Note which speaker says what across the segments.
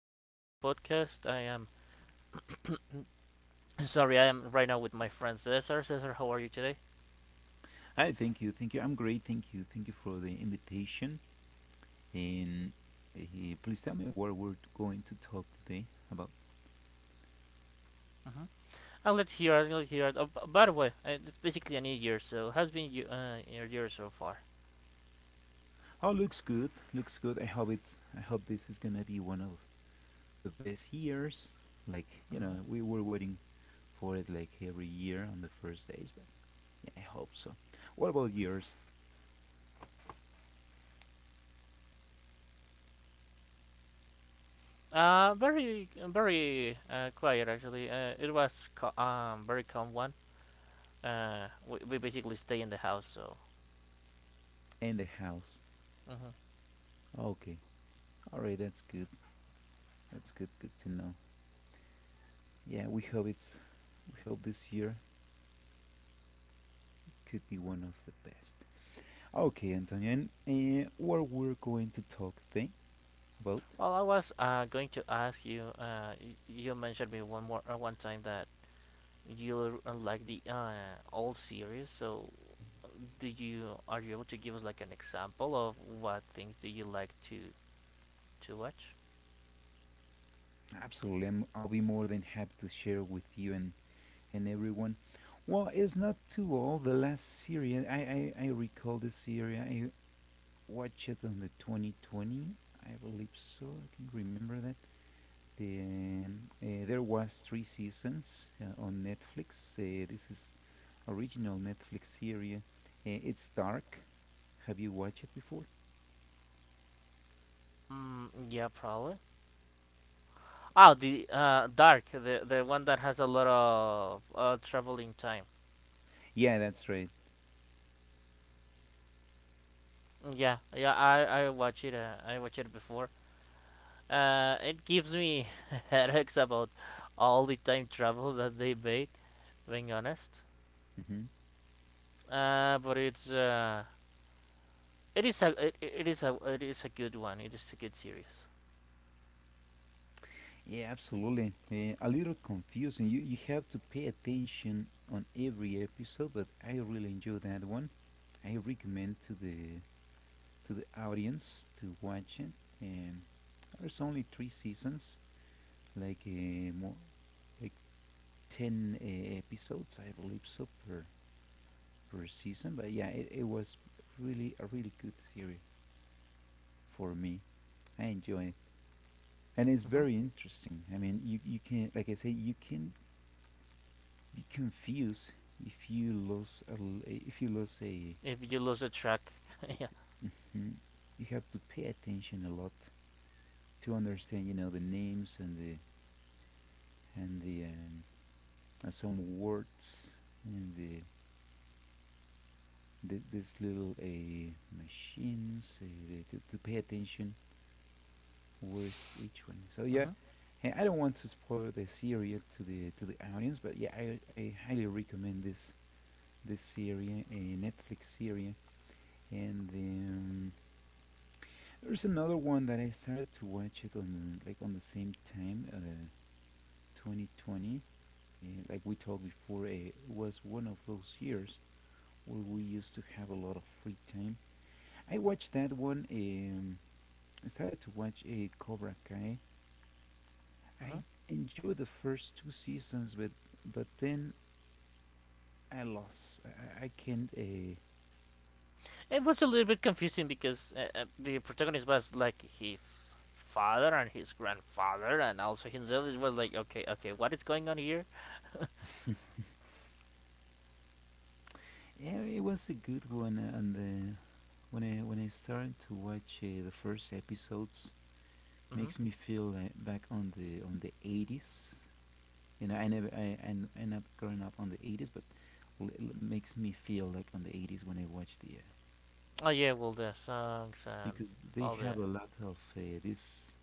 Speaker 1: more time in the podcast. I am sorry, I am right now with my friend Cesar. Cesar, how are you today?
Speaker 2: Hi, thank you, thank you. I'm great, thank you for the invitation. And uh, please tell me what we're going to talk today about.
Speaker 1: Mhm. I'll let you hear. I'll let you hear. Oh, by the way, it's basically a new year, so how's been you, your year so far?
Speaker 2: Oh, looks good, looks good. I hope it's. I hope this is gonna be one of the best years. Like you
Speaker 1: Mhm.
Speaker 2: know, we were waiting for it like every year on the first days, but yeah, I hope so. What about yours
Speaker 1: Very, very Quiet actually. It was very calm one. We basically stay in the house, so.
Speaker 2: and the house?
Speaker 1: Mhm.
Speaker 2: Okay, all right, that's good. That's good. Good to know. Yeah, we hope it's. We hope this year could be one of the best. Okay, Antonio, and what we're going to talk today about?
Speaker 1: Well, I was going to ask you. You mentioned me one time that you like the old series, so uh, do you are you able to give us like an example of what things do you like to watch?
Speaker 2: Absolutely, I'll be more than happy to share with you and everyone. Well, it's not too old. The last series, I recall the series, I watched it on the 2020, I believe so. I can remember that. There was three seasons on Netflix. This is original Netflix series. It's Dark. Have you watched it before?
Speaker 1: Mm, yeah, probably. Oh, the Dark, the one that has a lot of traveling time.
Speaker 2: Yeah, that's right.
Speaker 1: Yeah, I watch it. I watch it before. It gives me headaches about all the time travel that they made, being honest.
Speaker 2: hmm
Speaker 1: But it is a it is a good one. It is a good series.
Speaker 2: Yeah, absolutely. A little confusing. You have to pay attention on every episode, but I really enjoy that one. I recommend to the audience to watch it. Um, there's only three seasons, like more like ten episodes, I believe so per season. But yeah, it was really good series for me. I enjoy it, and it's
Speaker 1: Hmm.
Speaker 2: very interesting. I mean, you can like I say, you can be confused if you lose a if you lose a
Speaker 1: If you lose the track, yeah.
Speaker 2: that, hmm You have to pay attention a lot to understand you know the names and the some words and the, the this little a machines uh, to pay attention where is each one, so yeah.
Speaker 1: Hmm.
Speaker 2: Hey, I don't want to spoil the series to the audience, but yeah I highly recommend this series, a Netflix series. And there's another one that I started to watch it on like on the same time, 2020. Like we talked before, it was one of those years where we used to have a lot of free time. I watched that one. I started to watch a Cobra Kai.
Speaker 1: Hmm.
Speaker 2: I enjoyed the first two seasons, but then I lost. I can't.
Speaker 1: It was a little bit confusing because the protagonist was like his father and his grandfather, and also himself. It was like, okay, okay, what is going on here?
Speaker 2: Yeah, it was a good one, and the when I started to watch the first episodes,
Speaker 1: Hmm.
Speaker 2: makes me feel back on the 80s. You know, I never I I end up growing up on the 80s, but makes me feel like on the 80s when I watch the
Speaker 1: Oh yeah, well, the songs and
Speaker 2: because they
Speaker 1: all the
Speaker 2: have a lot of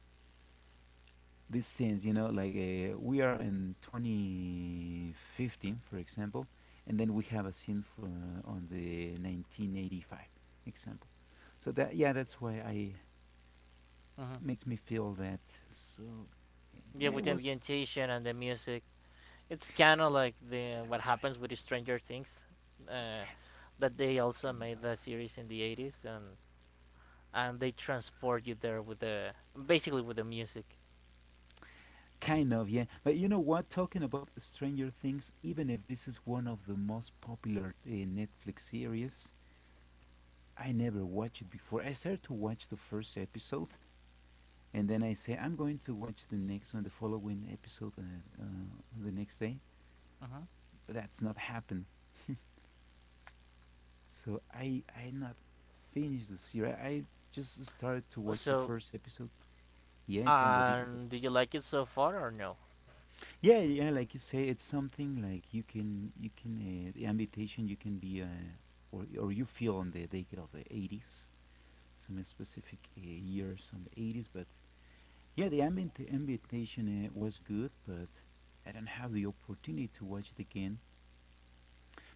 Speaker 2: this sense, you know, like we are in 2015 for example, and then we have a scene on the 1985 example. So that, yeah, that's why I
Speaker 1: hmm,
Speaker 2: makes me feel that. So
Speaker 1: yeah,
Speaker 2: yeah,
Speaker 1: with
Speaker 2: it
Speaker 1: the
Speaker 2: was.
Speaker 1: ambientation and the music. It's kind of like the what
Speaker 2: That's right.
Speaker 1: happens with the Stranger Things. Uh, that they also
Speaker 2: Kind
Speaker 1: made
Speaker 2: of.
Speaker 1: the series in the 80s, and they transport you there with the basically with the music.
Speaker 2: Kind of, yeah. But you know what? Talking about Stranger Things, even if this is one of the most popular Netflix series, I never watched it before. I started to watch the first episode, and then I say I'm going to watch the next one, the following episode, on the next day.
Speaker 1: Mhm.
Speaker 2: But that's not happened. So I not finished the series. I just started to watch the
Speaker 1: So,
Speaker 2: first episode. Yeah, it's
Speaker 1: and
Speaker 2: unbelievable.
Speaker 1: do you like it so far or no?
Speaker 2: Yeah, yeah, like you say, it's something like you can, the invitation you can be, or you feel on the decade of the '80s, some specific years on the '80s. But yeah, the ambient invitation was good, but I don't have the opportunity to watch it again.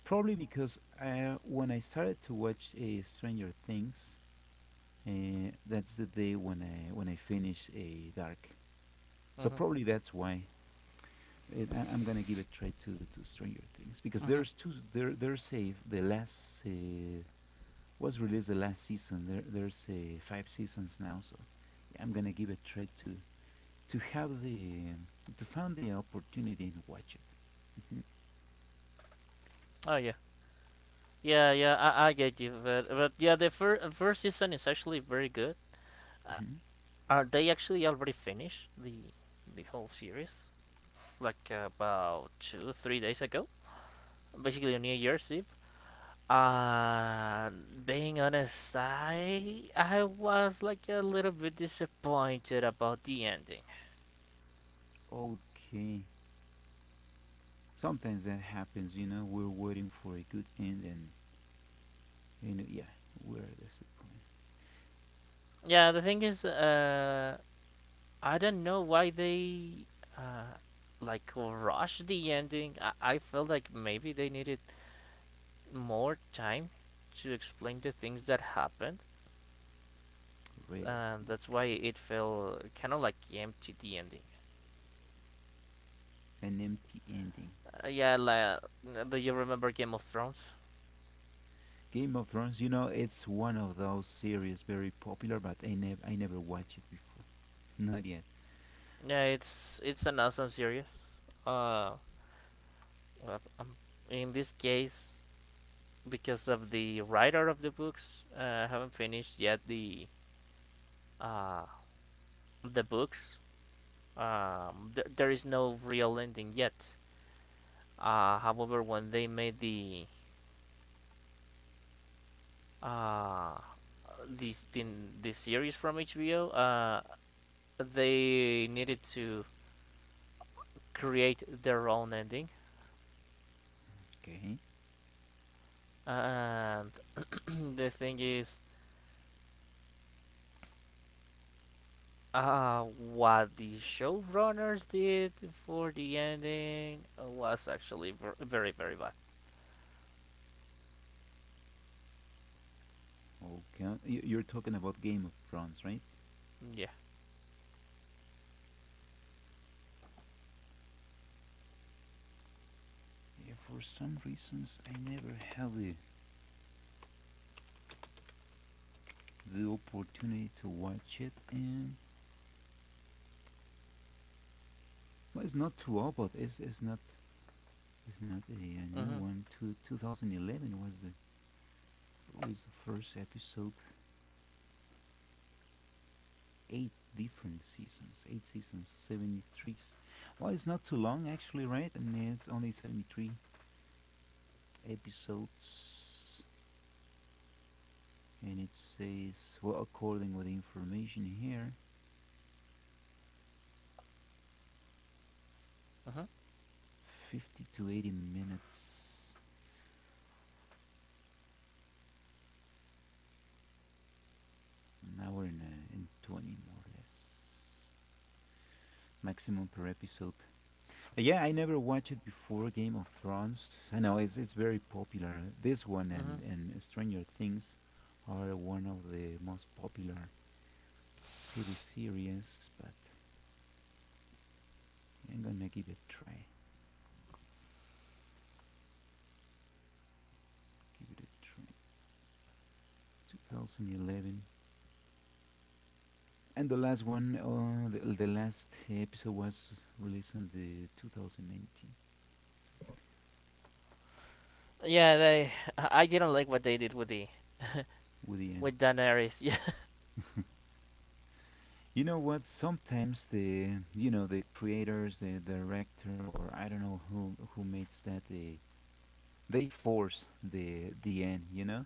Speaker 2: Probably because when I started to watch Stranger Things, that's the day when I finished Dark. So
Speaker 1: Mhm.
Speaker 2: probably that's why. I'm gonna give it try to Stranger Things, because
Speaker 1: Mhm.
Speaker 2: there's two there there's a the last was released, the last season. There's five seasons now. So yeah, I'm gonna give it try to have the to find the opportunity and watch it. Mhm,
Speaker 1: Oh yeah. Yeah, I get you, but yeah, the first season is actually very good. Uh, are they actually already finished the whole series? Like about two, 3 days ago, basically on New Year's Eve. Uh, Being honest, I was like a little bit disappointed about the ending.
Speaker 2: mhm. Okay, sometimes that happens. You know, we're waiting for a good end, and yeah, we're disappointed.
Speaker 1: Yeah, the thing is, I don't know why they uh, like rushed the ending. I felt like maybe they needed more time to explain the things that happened,
Speaker 2: Really?
Speaker 1: and that's why
Speaker 2: Okay,
Speaker 1: it felt kind of like empty the ending.
Speaker 2: an empty ending.
Speaker 1: Yeah, like, do you remember Game of Thrones?
Speaker 2: Game of Thrones, you know, it's one of those series very popular, but I never watched it before. Not yet.
Speaker 1: Yeah, it's an awesome series. Uh, um, in this case, because of the writer of the books, I haven't finished yet uh the books. There is no real ending yet. However, when they made the uh, this the series from HBO, they needed to create their own ending.
Speaker 2: Okay.
Speaker 1: And the thing is, what the showrunners did for the ending was actually very very bad.
Speaker 2: Okay. You- you're talking about Game of Thrones, right?
Speaker 1: Yeah.
Speaker 2: Yeah, for some reasons, I never had the opportunity to watch it, and well, it's not too old, but it's not a new
Speaker 1: Mhm.
Speaker 2: one. Two, 2011 was the release of first episode. Eight different seasons, eight seasons, 73. Well, it's not too long actually, right? I mean, it's only 73 episodes, and it says, well, according with the information here,
Speaker 1: Mhm.
Speaker 2: 50 to 80 minutes, an hour and 20, more or less, maximum per episode. Yeah, I never watched it before, Game of Thrones. I know it's very popular this one,
Speaker 1: Mhm.
Speaker 2: and Stranger Things are one of the most popular TV series. But yeah, I'm gonna give it a try, give it a try. 2011. And the last one, the last episode was released in the 2019
Speaker 1: Yeah, they. I didn't like what they did with the
Speaker 2: with the end.
Speaker 1: with Daenerys.
Speaker 2: You know what? Sometimes the, you know, the creators, the director, or I don't know who makes that, they force the end. You know,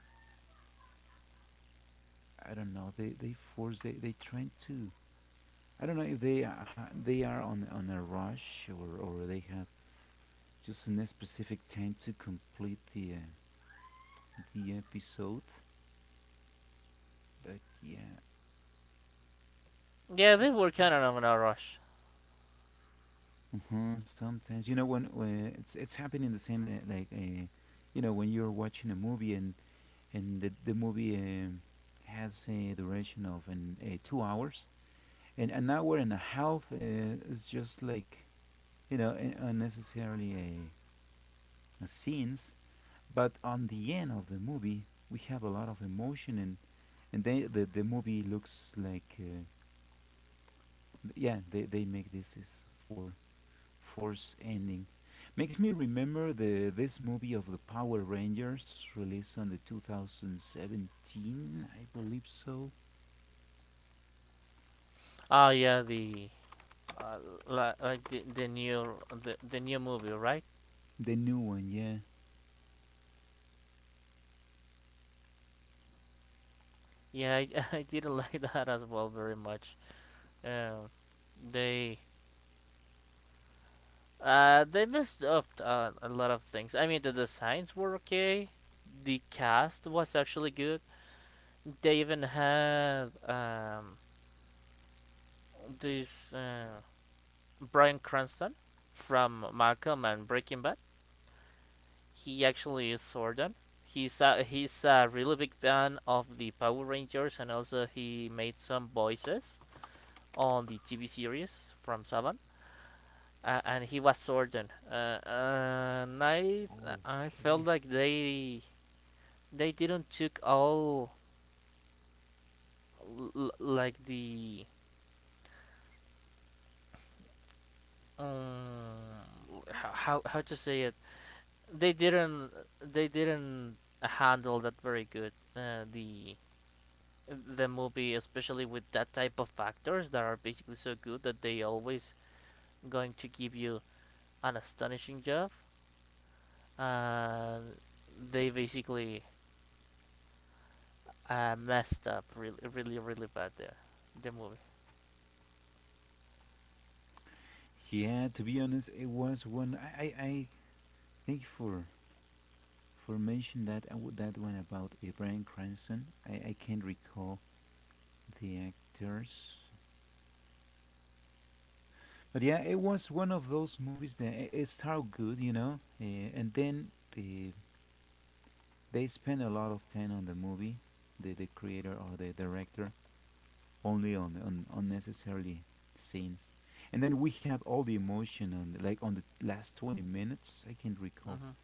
Speaker 2: I don't know. They force they trying to. I don't know if they are on a rush, or they have just a specific time to complete the episode. But yeah,
Speaker 1: Yeah, yeah,
Speaker 2: I
Speaker 1: they were kind
Speaker 2: can't.
Speaker 1: of in a rush.
Speaker 2: Uh-huh, sometimes you know when it's happening the same you know when you're watching a movie, and and the movie has a duration of an 2 hours, and an hour and a half is just like, you know, unnecessarily eh, a scenes. But on the end of the movie, we have a lot of emotion, and then the movie looks like yeah, they make this is for force ending. Makes me remember the this movie of the Power Rangers released on the 2017, I believe so.
Speaker 1: Oh yeah, the uh, like the new movie, right?
Speaker 2: The new one, yeah.
Speaker 1: Yeah, I, I didn't like that as well very much. Um, they they messed up a lot of things. I mean, the designs were okay. The cast was actually good. They even had this Brian Cranston from Malcolm and Breaking Bad. He actually is Zordon. He's a really big fan of the Power Rangers, and also he made some voices on the TV series from Saban. And he was Zordon. And I felt
Speaker 2: Okay.
Speaker 1: like they didn't took all like the how to say it, they didn't they didn't handle that very good, the movie, especially with that type of actors that are basically so good that they always going to give you an astonishing job. Uh, they basically messed up really, really, really bad there. The movie.
Speaker 2: Yeah, to be honest, it was one. I thank you for mentioning that that one about Brian Cranston. I can't recall the actors, but yeah, it was one of those movies that it started good, you know, and then uh, they spend a lot of time on the movie, the creator or the director, only on unnecessarily scenes. And then we have all the emotion on like on the last 20 minutes. I can recall
Speaker 1: Mhm.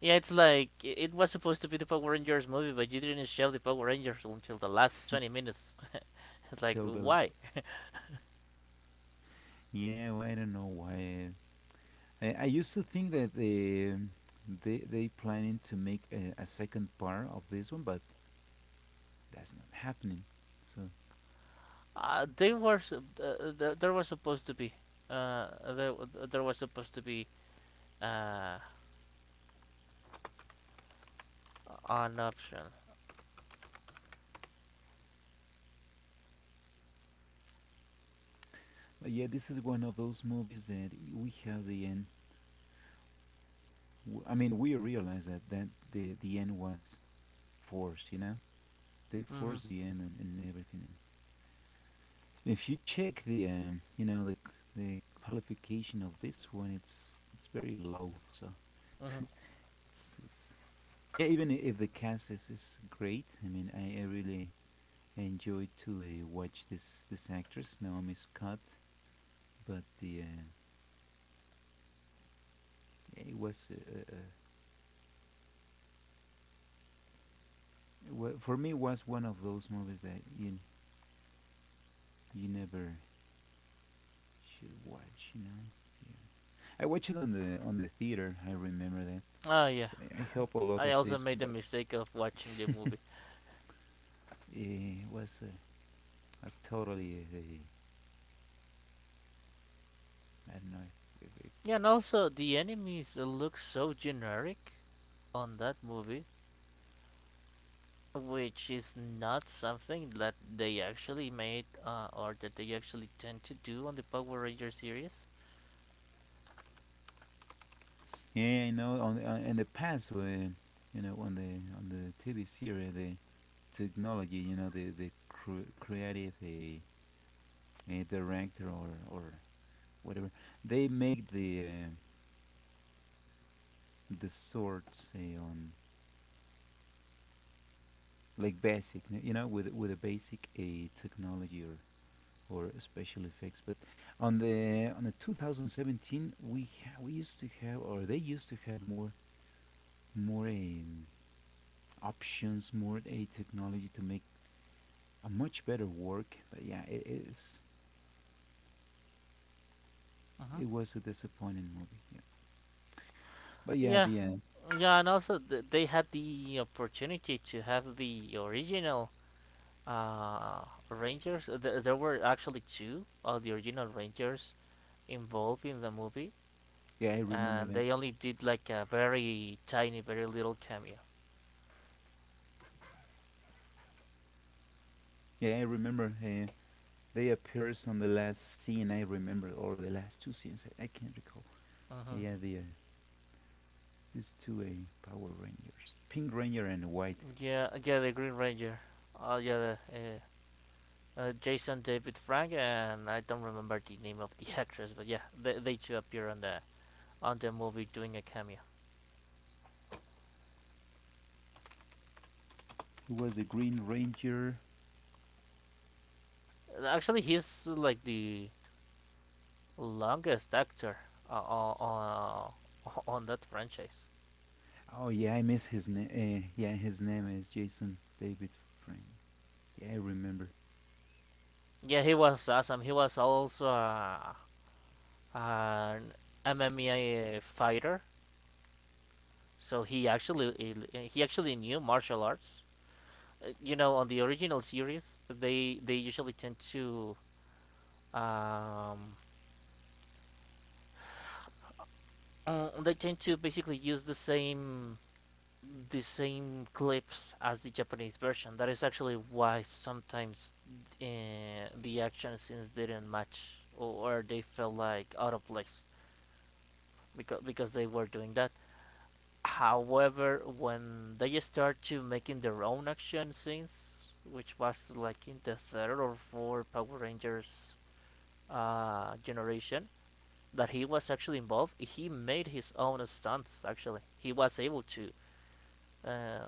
Speaker 1: Yeah, it's like it was supposed to be the Power Rangers movie, but you didn't show the Power Rangers until the last 20 minutes. It's like
Speaker 2: till the
Speaker 1: why?
Speaker 2: last. Yeah, well, I don't know why. I used to think that they they planning to make a second part of this one, but that's not happening. So,
Speaker 1: They were sup- th- There was supposed to be uh there, there was supposed to be uh an option.
Speaker 2: but yeah, this is one of those movies that we have the end. I mean, we realized that that the end was force, you know? They
Speaker 1: Mm-hmm.
Speaker 2: force the end and everything. And if you check the, you know, the qualification of this one, it's very low. So
Speaker 1: Mm-hmm.
Speaker 2: it's yeah. Even if the cast is great, I mean, I really enjoyed to watch this this actress Naomi Scott. But the it was for me, it was one of those movies that you never should watch. You know, yeah. I watched it on the theater. I remember that
Speaker 1: Oh yeah,
Speaker 2: I hope a lot
Speaker 1: I
Speaker 2: of
Speaker 1: also
Speaker 2: this
Speaker 1: made
Speaker 2: one.
Speaker 1: the
Speaker 2: But
Speaker 1: mistake of watching the movie.
Speaker 2: it was a totally I don't know. If
Speaker 1: Yeah, and also the enemies look so generic on that movie, which is not something that they actually made or that they actually tend to do on the Power Ranger series.
Speaker 2: yeah, I know. On the, in the past, where you know, on the TV series, the technology, you know, the creative a director or whatever, they make the swords on like basic, you know, with a basic a technology or special effects. But on the 2017, we used to have, or they used to have more more um, options, more a technology to make a much better work. But yeah,
Speaker 1: Mm-hmm.
Speaker 2: it was a disappointing movie. Yeah, but yeah,
Speaker 1: Yeah,
Speaker 2: the
Speaker 1: yeah, and also they had the opportunity to have the original uh, Rangers. There were actually two of the original Rangers involved in the movie,
Speaker 2: yeah, I remember
Speaker 1: and
Speaker 2: that.
Speaker 1: they only did like a very tiny, very little cameo.
Speaker 2: Yeah, I remember. They appears on the last scene I remember, or the last two scenes, I can't recall.
Speaker 1: Uh-huh.
Speaker 2: Yeah, the these two Power Rangers, Pink Ranger and White.
Speaker 1: Yeah, yeah, the Green Ranger. Oh, yeah, the, uh, Jason David Frank, and I don't remember the name of the actress, but yeah, they two appear on the movie doing a cameo.
Speaker 2: It was the Green Ranger.
Speaker 1: Actually, he's like the longest actor uh, on on that franchise.
Speaker 2: Oh yeah, I miss his name. Yeah, his name is Jason David Frank. Yeah, I remember.
Speaker 1: Yeah, he was awesome. He was also an MMA fighter, so he actually knew martial arts. You know, on the original series, they usually tend to um, they tend to basically use the same clips as the Japanese version. That is actually why sometimes the action scenes didn't match, or they felt like out of place because they were doing that. However, when they start to making their own action scenes, which was like in the third or fourth Power Rangers generation, that he was actually involved, he made his own stunts. Actually, he was able uh,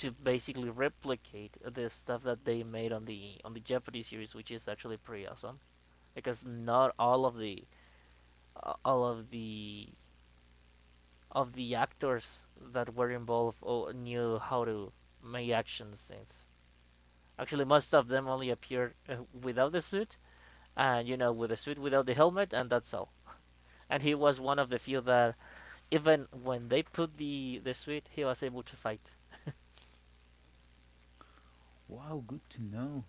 Speaker 1: to basically replicate the stuff that they made on the Jeopardy series, which is actually pretty awesome because not all of the uh, all of the of the actors that were involved or knew how to make action scenes. Actually, most of them only appeared without the suit, and you know, with the suit without the helmet, and that's all. And he was one of the few that, even when they put the suit, he was able to fight.
Speaker 2: Wow, good to know.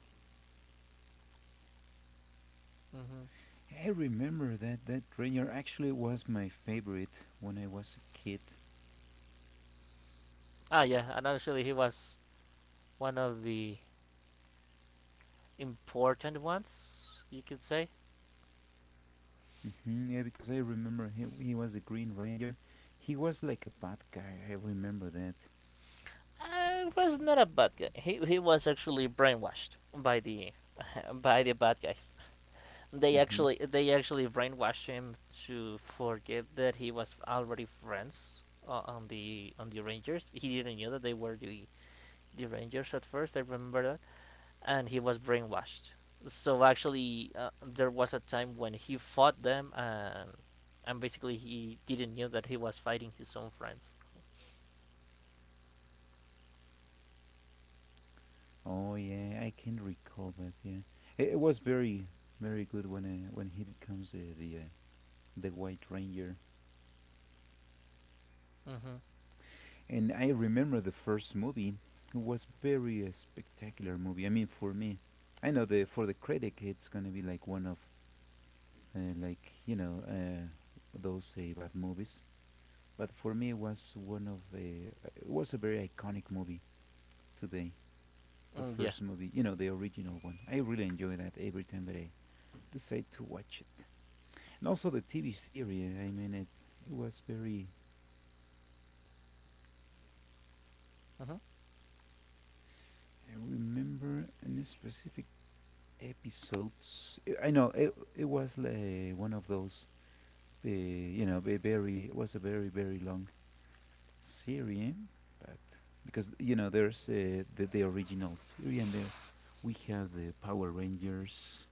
Speaker 1: Hmm.
Speaker 2: Yeah, I remember that Ranger actually was my favorite when I was a kid.
Speaker 1: Ah, yeah, and actually, he was one of the important ones, you could say.
Speaker 2: Hmm, yeah, because I remember he was a Green Ranger. He was like a bad guy. I remember that.
Speaker 1: Was not a bad guy. He was actually brainwashed by the by the bad guys.
Speaker 2: Hmm.
Speaker 1: They actually brainwashed him to forget that he was already friends on the Rangers. He didn't know that they were the Rangers at first. I remember that, and he was brainwashed. So actually, there was a time when he fought them, and basically he didn't know that he was fighting his own friends.
Speaker 2: Oh yeah, I can recall, but yeah, it was very very good when he becomes the White Ranger.
Speaker 1: Mm-hmm.
Speaker 2: And I remember the first movie was very spectacular movie. I mean, for me, I know the for the critic, it's gonna be like one of like those bad movies. But for me, it was a very iconic movie today. The
Speaker 1: Mm, yeah.
Speaker 2: first movie, the original one. I really enjoy that every time that I decide to watch it. And also the TV series. I mean, it was very.
Speaker 1: Mm-hmm.
Speaker 2: I remember a specific episodes. I know it. It was one of those. Very. It was a very very long series, but because there's the original series, and there we have the Power Rangers,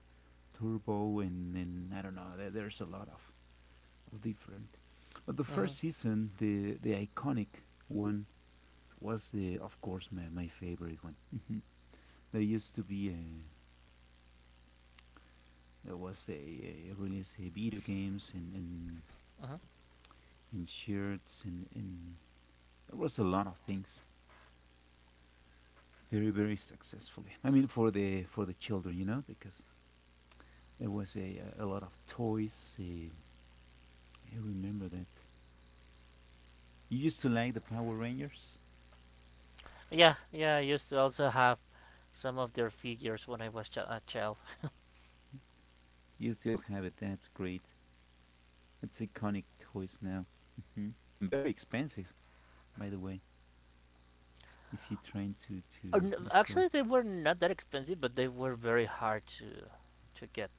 Speaker 2: Turbo, and then I don't know. There's a lot of different. But the
Speaker 1: Mm-hmm.
Speaker 2: first season, the iconic one was, of course, my favorite one. There used to be a There was a release of video games
Speaker 1: Mm-hmm.
Speaker 2: and shirts and there was a lot of things very very successfully. I mean for the children, because there was a lot of toys. I remember that you used to like the Power Rangers.
Speaker 1: Yeah. Yeah. I used to also have some of their figures when I was a child.
Speaker 2: You still have it. That's great. It's iconic toys now, hmm and very expensive, by the way, if you're trying to resell
Speaker 1: Actually, they were not that expensive, but they were very hard to get.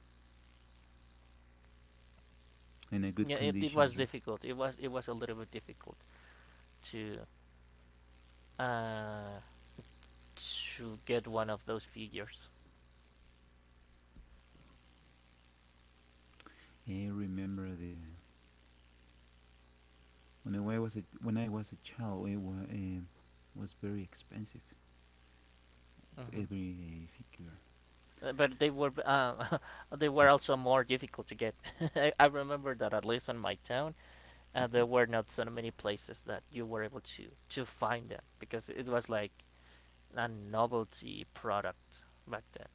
Speaker 2: in a good
Speaker 1: It
Speaker 2: condition,
Speaker 1: was
Speaker 2: right?
Speaker 1: difficult. It was a little bit difficult to uh, to get one of those figures.
Speaker 2: I remember the When I was a child, it was very expensive.
Speaker 1: Mhm.
Speaker 2: Every figure.
Speaker 1: But they were they were also more difficult to get. I remember that at least in my town, there were not so many places that you were able to find them because it was like a novelty product back then.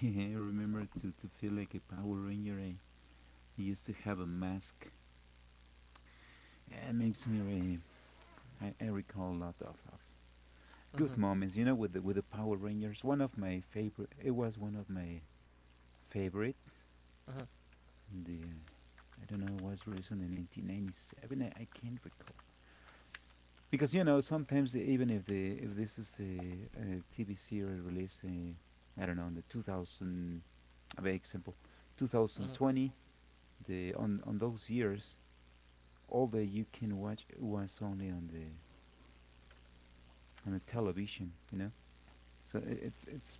Speaker 2: Yeah, I remember to feel like a Power Ranger. Eh. I used to have a mask. Yeah, it makes me. I recall a lot of good
Speaker 1: Hmm.
Speaker 2: moments. With the Power Rangers. One of my favorite. It was one of my favorite.
Speaker 1: Hmm.
Speaker 2: The I don't know. It was released in 1997. I can't recall. Because sometimes even if the if this is a, TV series release, I don't know, in the 2000, I mean, example, 2020, the on those years, all that you can watch was only on the television. So it's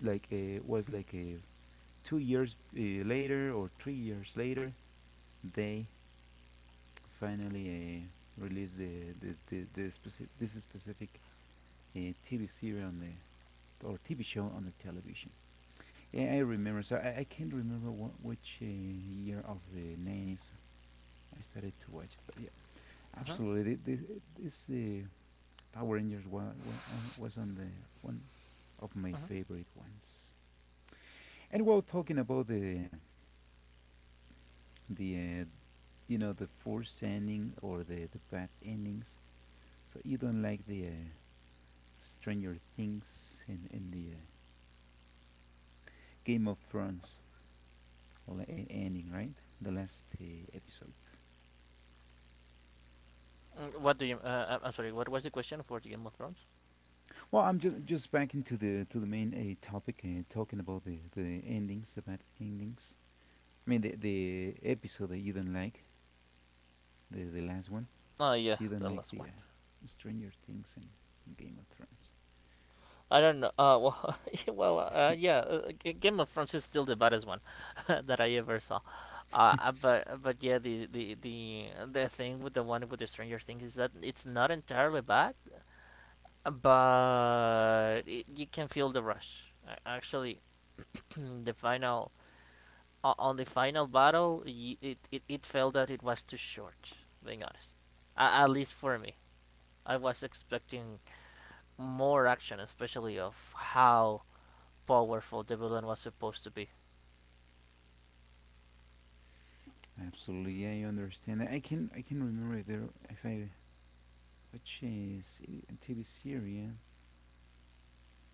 Speaker 2: like a, was like a 2 years later or 3 years later, they finally released the specific this specific TV series on the or TV show on the television. Yeah, I remember. So I can't remember which year of the 90s I started to watch it, but yeah,
Speaker 1: Hmm.
Speaker 2: absolutely. This Power Rangers was on the one of my
Speaker 1: Hmm.
Speaker 2: favorite ones. And while talking about the the forced ending or the bad endings, so you don't like the Stranger Things and the Game of Thrones like, ending, right? The last episode.
Speaker 1: Mm, what do you? I'm sorry. What was the question for the Game of Thrones?
Speaker 2: Well, I'm just back into the to the main topic, talking about the endings, the bad endings. I mean the episode that you don't like, the last one.
Speaker 1: Oh yeah,
Speaker 2: So you
Speaker 1: the
Speaker 2: don't like
Speaker 1: last one.
Speaker 2: the Stranger Things and Game of Thrones.
Speaker 1: I don't know. Well, yeah, well, Game of Thrones is still the baddest one that I ever saw. But but yeah, the thing with the one with the Stranger Things is that it's not entirely bad, but it, you can feel the rush. Actually, the final on the final battle, y it felt that it was too short. Being honest, at least for me. I was expecting more action, especially of how powerful the villain was supposed to be.
Speaker 2: Absolutely, yeah, I understand that. I can remember if I watch a TV series,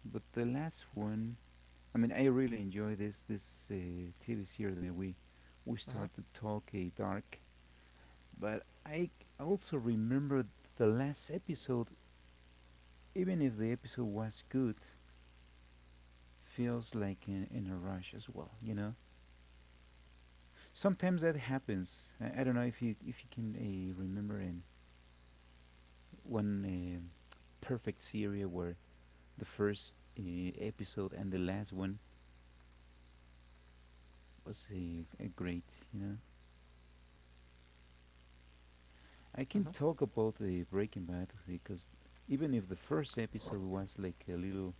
Speaker 2: but the last one. I mean, I really enjoy this TV series that we
Speaker 1: Hmm.
Speaker 2: start to talk a dark. But I also remember the last episode, even if the episode was good, feels like in a rush as well. Sometimes that happens. I don't know if you can remember in one perfect series where the first episode and the last one was a great. I can
Speaker 1: Hmm.
Speaker 2: talk about the Breaking Bad because even if the first episode was like a little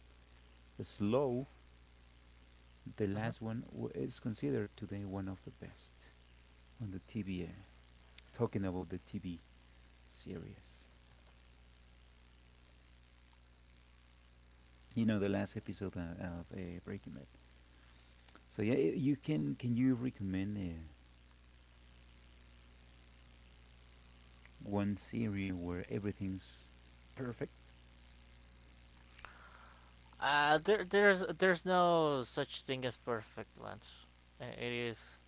Speaker 2: slow. The
Speaker 1: Hmm.
Speaker 2: last one is considered today one of the best on the TV. Talking about the TV series, the last episode of Breaking Bad. So yeah, you can you recommend one series where everything's perfect?
Speaker 1: There's no such thing as perfect ones. It is,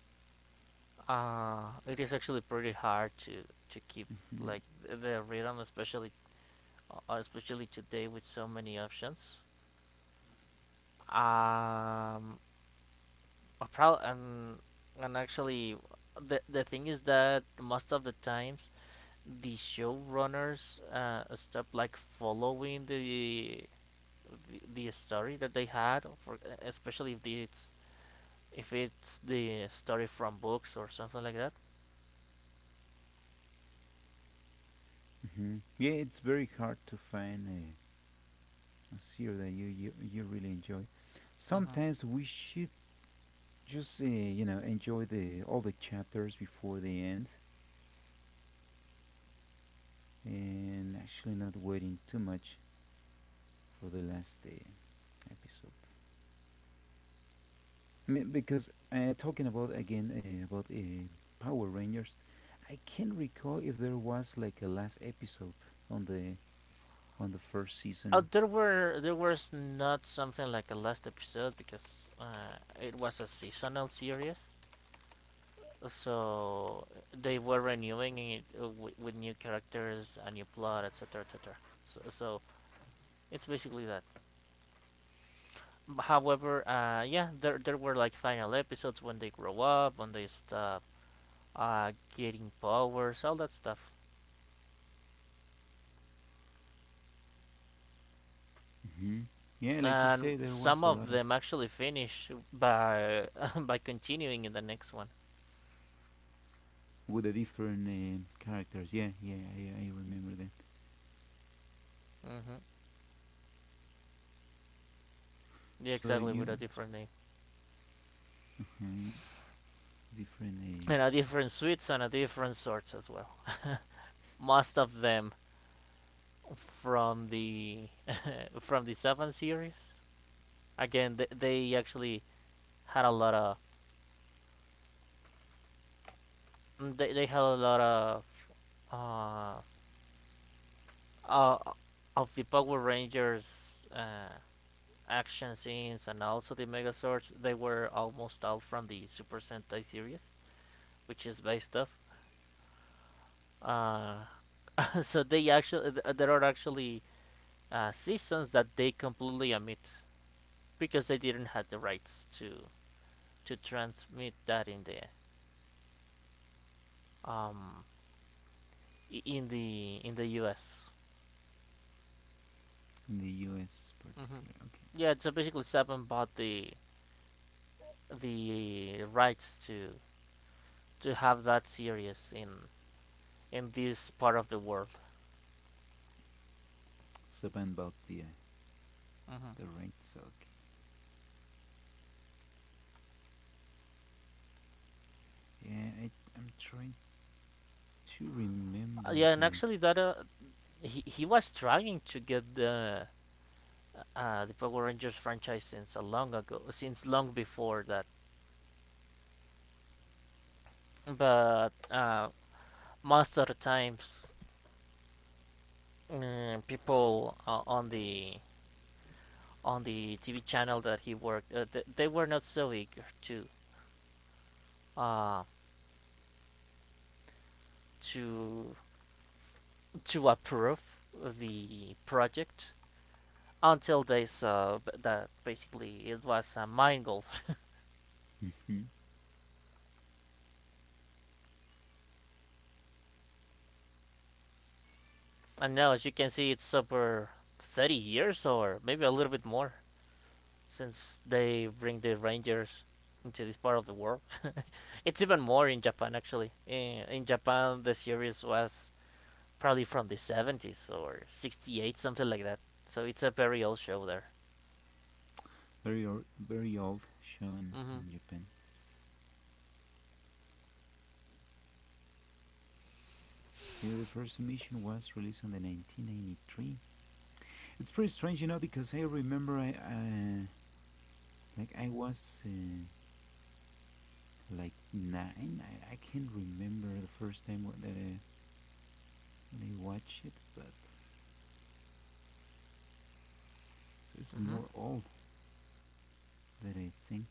Speaker 1: it is actually pretty hard to keep like the rhythm, especially, especially today with so many options. Um, a pro- and Actually, the thing is that most of the times the showrunners stopped like following the, the story that they had for, especially if it's the story from books or something like that.
Speaker 2: Hmm, yeah, it's very hard to find a series that you really enjoy.
Speaker 1: Mhm.
Speaker 2: Sometimes we should just enjoy the all the chapters before they end and actually not waiting too much for the last episode. I mean, because talking about again about Power Rangers, I can't recall if there was like a last episode on the on the first
Speaker 1: uh,
Speaker 2: season.
Speaker 1: there were there was not something like a last episode because it was a seasonal series, so they were renewing it with new characters, a new plot, etc, etc, so it's basically that. However, yeah, there were like final episodes, when they grow up, when they stop getting powers, all that stuff,
Speaker 2: Hmm, yeah, like you
Speaker 1: and
Speaker 2: say, there was
Speaker 1: some
Speaker 2: a
Speaker 1: of
Speaker 2: lot of
Speaker 1: them actually finish by by continuing in the next one.
Speaker 2: with the different characters. Yeah, yeah, I remember that.
Speaker 1: Hmm. Yeah,
Speaker 2: So
Speaker 1: exactly,
Speaker 2: you
Speaker 1: with a
Speaker 2: makes
Speaker 1: different name
Speaker 2: me different
Speaker 1: and a different suits and a different sorts as well. Most of them from the from the seven series. Again, they actually had a lot of they had a lot uh, uh, of the Power Rangers action scenes, and also the Megazords, they were almost all from the Super Sentai series, which is based off. Uh, so they actually there are actually seasons that they completely omit because they didn't have the rights to transmit that in the um in the U.S.
Speaker 2: in the U.S.
Speaker 1: Hmm.
Speaker 2: particular. Okay,
Speaker 1: Yeah, so basically Seven bought the rights to have that series in this part of the world.
Speaker 2: so about
Speaker 1: Mhm.
Speaker 2: the rights. Okay, yeah, I'm trying to remember
Speaker 1: Yeah, and
Speaker 2: the.
Speaker 1: actually, that he was trying to get the Power Rangers franchise since a long ago, since long before that. But most of the times, people on the TV channel that he worked, they were not so eager uh, to to approve the project until this that basically it was a mine gold.
Speaker 2: Mhm.
Speaker 1: And now, as you can see, it's over 30 years, or maybe a little bit more, since they bring the rangers into this part of the world. It's even more in Japan. Actually, in Japan, the series was probably from the 70s, or 68, something like that, so it's a very old show there.
Speaker 2: Very, very old shown
Speaker 1: Mm-hmm.
Speaker 2: in Japan. The first mission was released on the 1993. It's pretty strange, you know, because I remember I like I was like nine. I can't remember the first time when I watched it, but so it's
Speaker 1: Mm-hmm.
Speaker 2: more old than I think.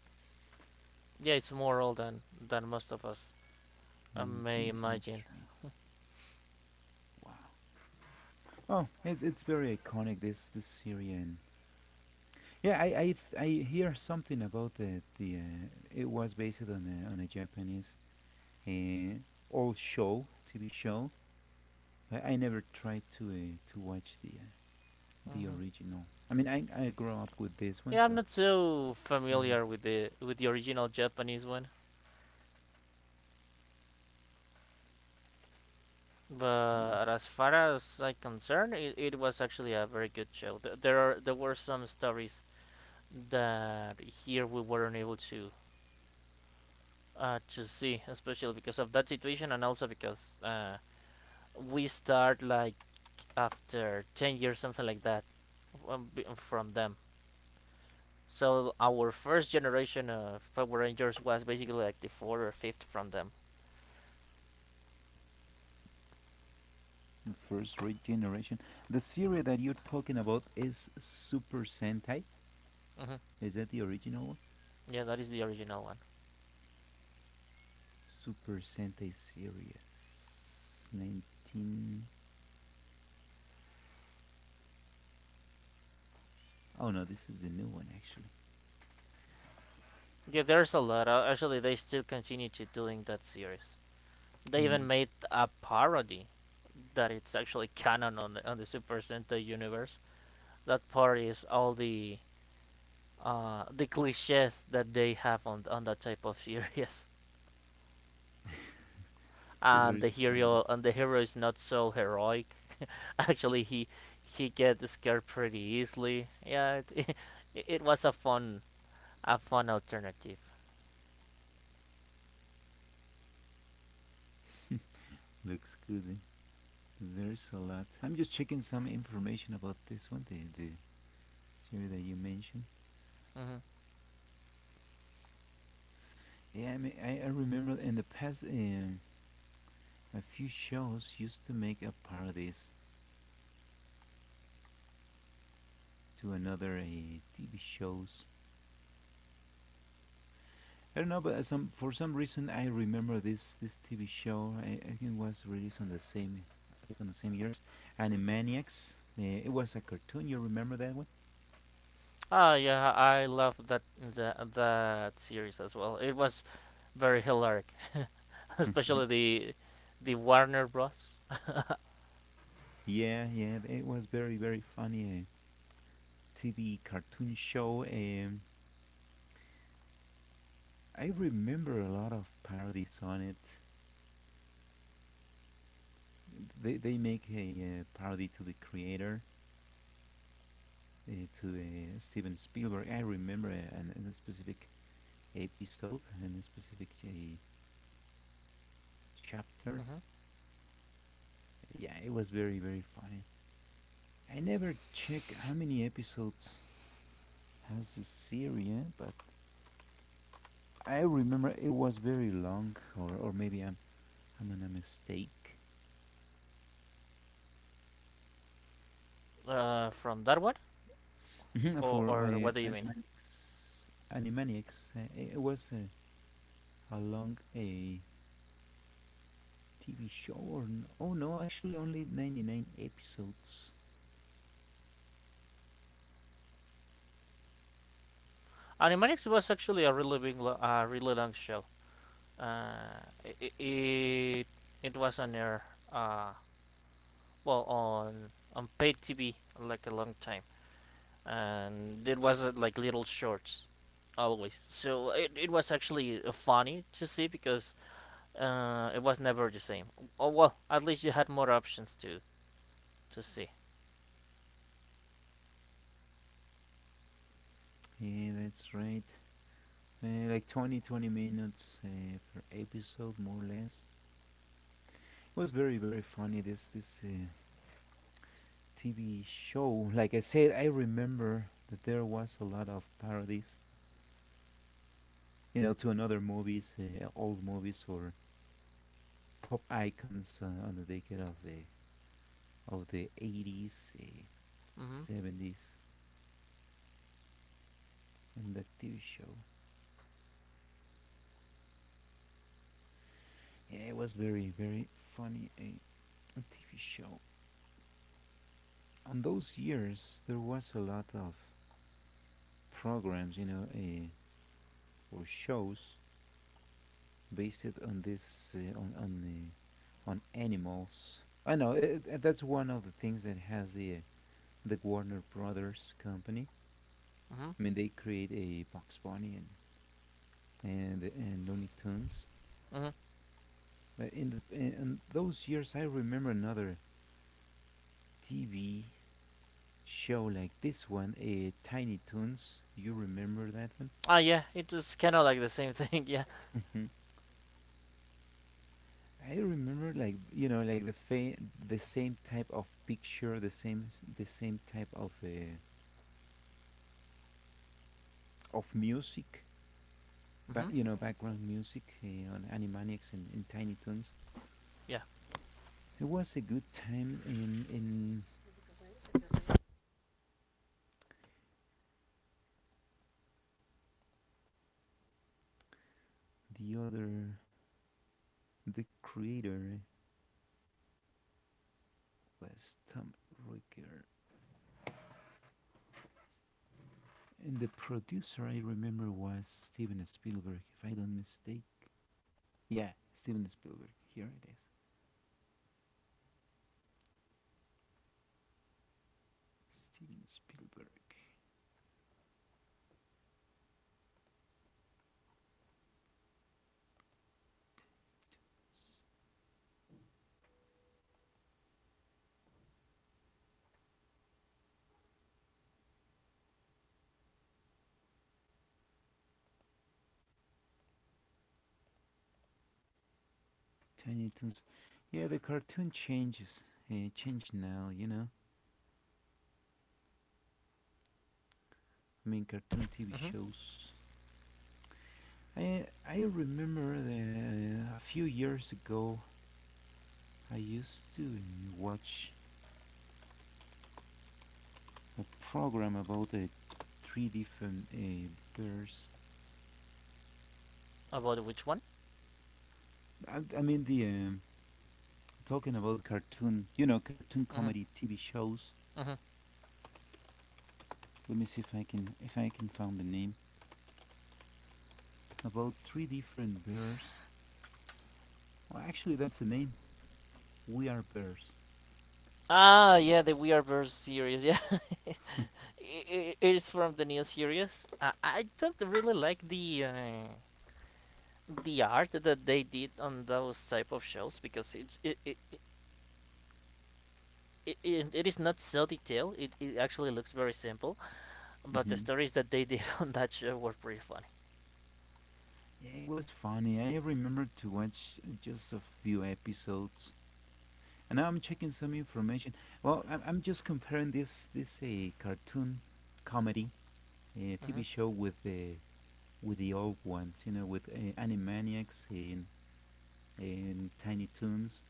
Speaker 1: Yeah, it's more old than most of us may imagine.
Speaker 2: 1993. Wow. Oh, it's very iconic this series. In. Yeah, I hear something about the it was based on on a Japanese uh, old show TV show, but I never tried to watch the
Speaker 1: Mm-hmm.
Speaker 2: original. I mean, I grew up with this one,
Speaker 1: Yeah, I'm
Speaker 2: so
Speaker 1: not so
Speaker 2: it's the
Speaker 1: familiar with the original Japanese one,
Speaker 2: only
Speaker 1: but as far as I'm concerned, it was actually a very good show. There were some stories that here we weren't able to see, especially because of that situation, and also because we start like after 10 years, something like that, from them. So our first generation of Power Rangers was basically like the fourth or fifth from them.
Speaker 2: the first generation. The series that you're talking about is Super Sentai.
Speaker 1: Hmm.
Speaker 2: Is that the original one?
Speaker 1: Yeah, that is the original one.
Speaker 2: Super Sentai series, 19. Oh no, this is the new one actually.
Speaker 1: Yeah, there's a lot. Actually, they still continue to doing that series. They
Speaker 2: And
Speaker 1: even
Speaker 2: you-.
Speaker 1: made a parody that it's actually canon on the Super Sentai universe. That parody is all the cliches that they have on that type of series.
Speaker 2: So there is a parody.
Speaker 1: And the hero is not so heroic. Actually, he gets scared pretty easily. Yeah, it it was a fun alternative.
Speaker 2: Looks good. There's a lot. I'm just checking some information about this one, the series that you mentioned.
Speaker 1: Hmm.
Speaker 2: Yeah, I mean, I remember in the past, a few shows used to make a parodies to another TV shows. I don't know, but some for some reason I remember this TV show. I think it was released on the same, like on the same years. Animaniacs. It was a cartoon. You remember that one?
Speaker 1: Oh yeah, I love that that series as well. It was very hilarious, especially the Warner Bros.
Speaker 2: Yeah, yeah. It was very very funny. TV cartoon show. I remember a lot of parodies on it. They make parody to the creator, to Steven Spielberg. I remember a specific episode and a specific chapter.
Speaker 1: Mhm.
Speaker 2: Yeah, it was very, very funny. I never check how many episodes has the series, but I remember it was very long, or, maybe I'm on a mistake.
Speaker 1: From that one,
Speaker 2: Mhm. For
Speaker 1: or what do you mean?
Speaker 2: Animaniacs, Animaniacs, it was. Along a TV show or oh no, actually only 99 episodes.
Speaker 1: Animaniacs was actually a really big, really long show. Uh, it it was on air, uh, well on paid TV like a long time, and it was like little shorts, always. So it was actually funny to see because it was never the same. Oh well, at least you had more options to see.
Speaker 2: Yeah, that's right. Like 20 20 minutes per episode more or less. It was very very funny this TV show. Like I said, I remember that there was a lot of parodies, to another movies, old movies or pop icons on the decade of the 80s,
Speaker 1: Mhm.
Speaker 2: 70s and that TV show. Yeah, it was very, very funny. A, TV show. On those years, there was a lot of programs, or shows based on this, on on animals. I know that's one of the things that has the Warner Brothers company.
Speaker 1: Mhm.
Speaker 2: I mean, they create a Box Bunny and Looney Tunes.
Speaker 1: Mhm.
Speaker 2: But in those years, I remember another TV show like this one, Tiny Toons. You remember that one?
Speaker 1: Ah yeah, it is kind of like the same thing. Yeah.
Speaker 2: I remember like like the same type of picture, the same type of music,
Speaker 1: Mhm.
Speaker 2: background music on Animaniacs and Tiny Toons.
Speaker 1: Yeah.
Speaker 2: It was a good time in the other. The creator was Tom Ricker and the producer I remember was Steven Spielberg if I don't mistake. Yeah, Steven Spielberg. Here it is. Steven Spielberg. Tiny Toons. Yeah, the cartoon changes. It changed now. I mean, cartoon TV
Speaker 1: Mhm.
Speaker 2: shows. I remember that a few years ago I used to watch a program about the three different birds.
Speaker 1: About which one?
Speaker 2: I mean the talking about cartoon, cartoon
Speaker 1: Mhm.
Speaker 2: comedy TV shows.
Speaker 1: Mhm.
Speaker 2: Let me see if I can find the name. About three different bears. Well, actually, that's the name. We are bears.
Speaker 1: Ah yeah, the We Are Birds series. Yeah. It is from the new series. I don't really like the art that they did on those type of shows because it is not so detailed. It actually looks very simple. But the
Speaker 2: Hmm,
Speaker 1: stories that they did on that show were pretty funny.
Speaker 2: yeah, it was funny. I remember to watch just a few episodes, and now I'm checking some information. Well, I'm just comparing this cartoon comedy TV
Speaker 1: Mm-hmm.
Speaker 2: show with the old ones, you know, with Animaniacs and Tiny Toons.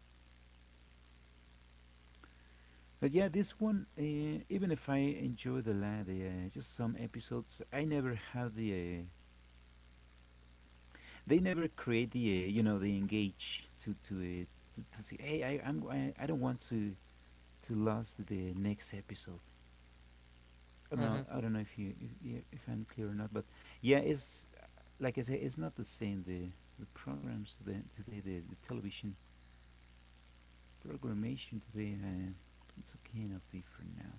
Speaker 2: But yeah, this one, even if I enjoy the la the just some episodes, I never had they never create the you know, they engage to say hey I don't want to lose the next episode.
Speaker 1: Mm-hmm.
Speaker 2: I don't know if you if, yeah, if I'm clear or not, but yeah, it's like I say, it's not the same. The programs today the television programmation today it's kind of different now.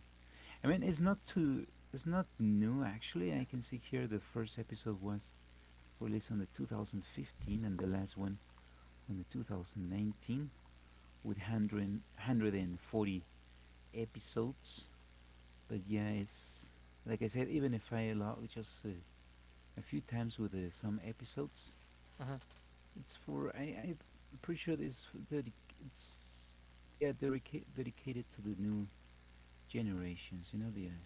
Speaker 2: I mean, it's not too it's not new actually. I can see here the first episode was released on the 2015 and the last one on the 2019, with 100, 140 episodes. But yeah, it's like I said, even if I log just a few times with some episodes,
Speaker 1: Mm-hmm.
Speaker 2: it's for I'm pretty sure it's the it's yeah dedicated to the new generations. You know, the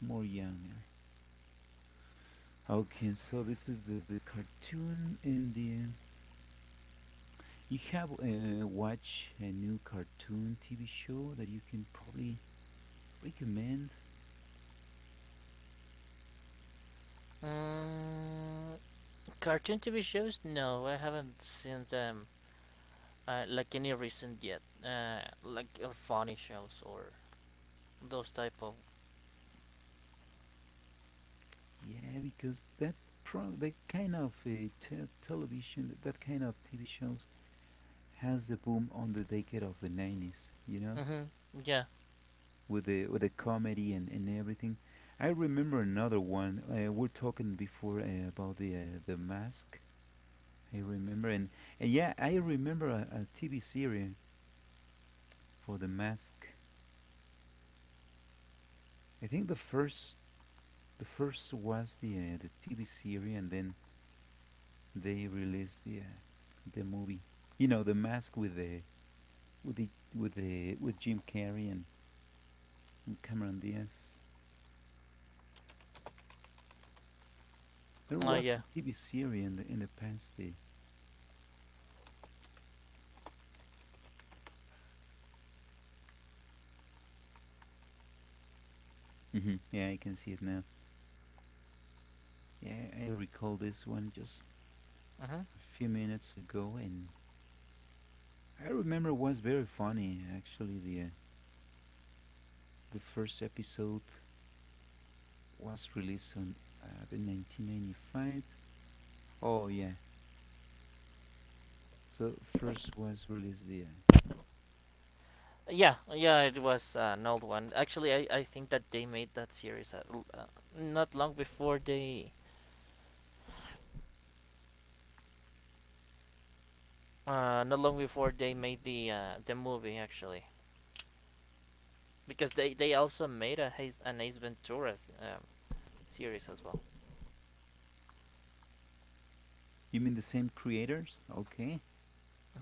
Speaker 2: more younger. Okay, so this is the cartoon, and the you have watch a new cartoon TV show that you can probably recommend?
Speaker 1: Mm, cartoon TV shows? No, I haven't seen them like any recent yet. Like funny shows or those type of.
Speaker 2: Yeah, because that kind of television, that kind of TV shows has a boom on the decade of the 90s, you know,
Speaker 1: Mm-hmm. Yeah.
Speaker 2: with the comedy and everything. I remember another one. We're talking before about the mask. I remember and, and yeah, I remember a TV series for the mask. I think the first was the TV series, and then they released the movie. You know, the mask with the with Jim Carrey and Cameron Diaz. There
Speaker 1: Oh
Speaker 2: was
Speaker 1: yeah.
Speaker 2: a TV series in the past. Hmm, yeah, I can see it now. Yeah, I recall this one just
Speaker 1: Mm-hmm.
Speaker 2: a few minutes ago, and I remember it was very funny. Actually, the first episode was released on the 1995. Oh yeah, so first was released the.
Speaker 1: Yeah, yeah, it was an old one. Actually, I think that they made that series uh, not long before they not long before they made the the movie actually, because they also made a Haze, an Ace Ventura um, series as well.
Speaker 2: You mean the same creators? Okay.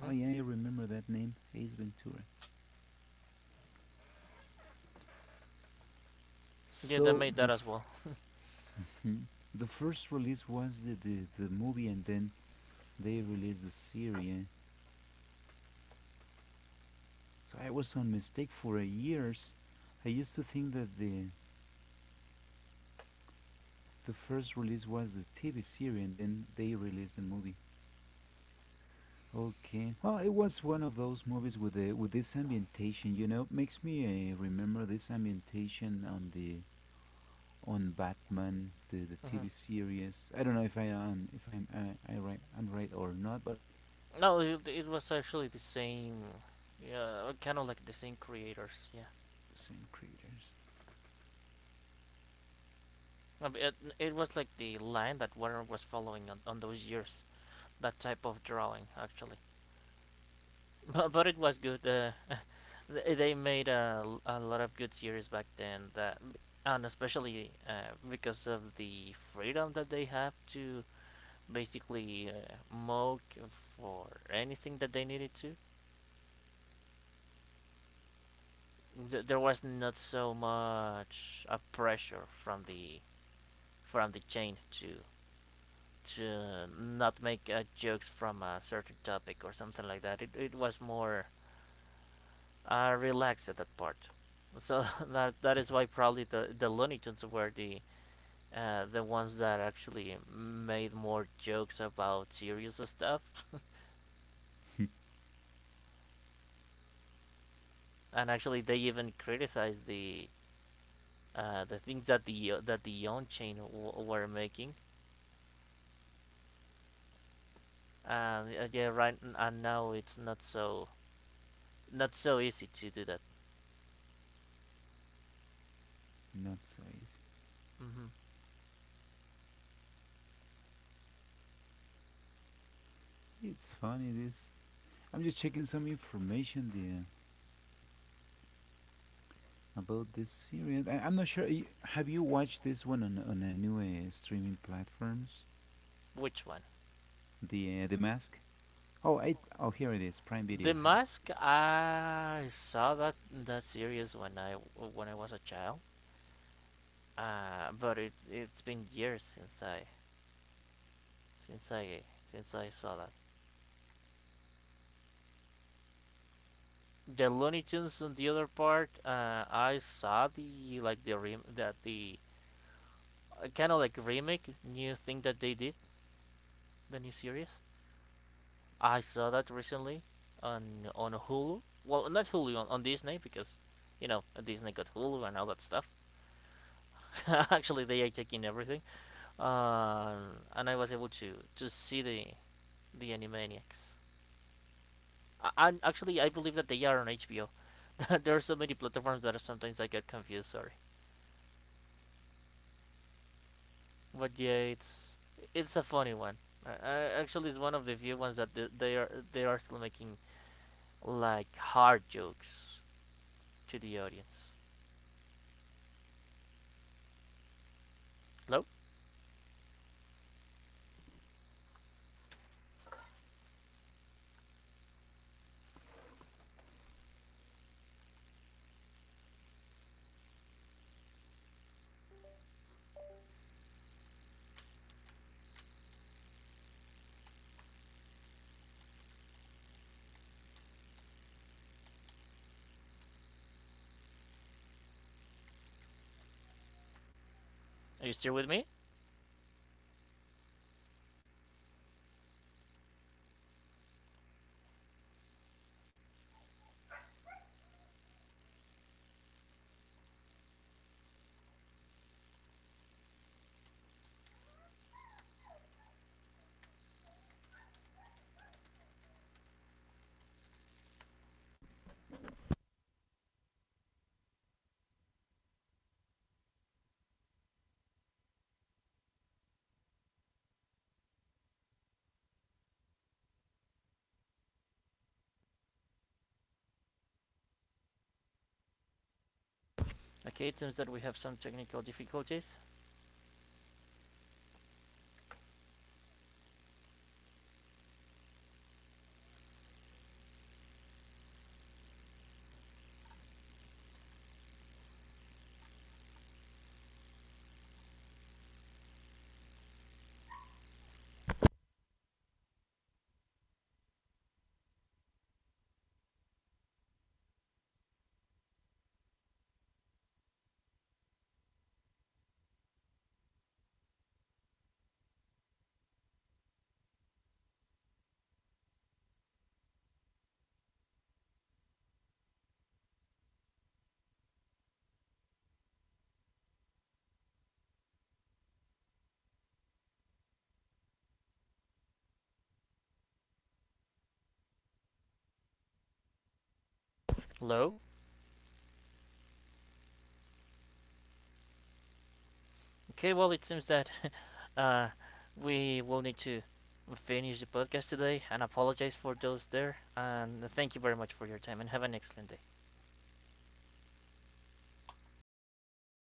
Speaker 2: Oh yeah, I remember that name, Ace Ventura.
Speaker 1: Yeah, they
Speaker 2: So
Speaker 1: made that
Speaker 2: the
Speaker 1: as well.
Speaker 2: hmm. The first release was the movie, and then they released the series, yeah. So I was on mistake for years. I used to think that the first release was the TV series, and then they released the movie. Okay. Well, it was one of those movies with the with this ambientation. You know, makes me remember this ambientation on the on Batman, the
Speaker 1: Mm-hmm.
Speaker 2: TV series. I don't know if I am if I'm I right I'm right or not, but
Speaker 1: No, it was actually the same. Yeah, kind of like the same creators. Yeah,
Speaker 2: same creators,
Speaker 1: it was like the line that Warner was following on those years. That type of drawing, actually. But it was good. They made a lot of good series back then. That and especially because of the freedom that they have to basically mock for anything that they needed to. There was not so much a pressure from the chain to not make jokes from a certain topic or something like that. It was more relaxed at that part. So that is why probably the Looney Tunes were the ones that actually made more jokes about serious stuff. And actually they even criticized the things that the on chain were making, and yeah, right, and now it's not so not so easy to do that.
Speaker 2: not so easy.
Speaker 1: Hmm.
Speaker 2: It's funny this. I'm just checking some information there about this series. I'm not sure.
Speaker 1: Which one? The Mask. I saw that that series when I was a child, but it it's been years since I since I since I saw that. The Looney Tunes on the other part, I saw the like the rem that the kind of like remake new thing that they did, the new series. I saw that recently on Hulu. Well, not Hulu, on Disney, because you know, Disney got Hulu and all that stuff. Actually, they are taking everything, uh, and I was able to see the Animaniacs. I, and actually, I believe that they are on HBO. There are so many platforms that sometimes I get confused. Sorry, but yeah, it's a funny one. Actually, it's one of the few ones that they are still making like hard jokes to the audience. Hello. Are you still with me? Okay, it seems that we have some technical difficulties. Hello? Okay, well, it seems that uh, we will need to finish the podcast today, and apologize for those there. And thank you very much for your time, and have an excellent day.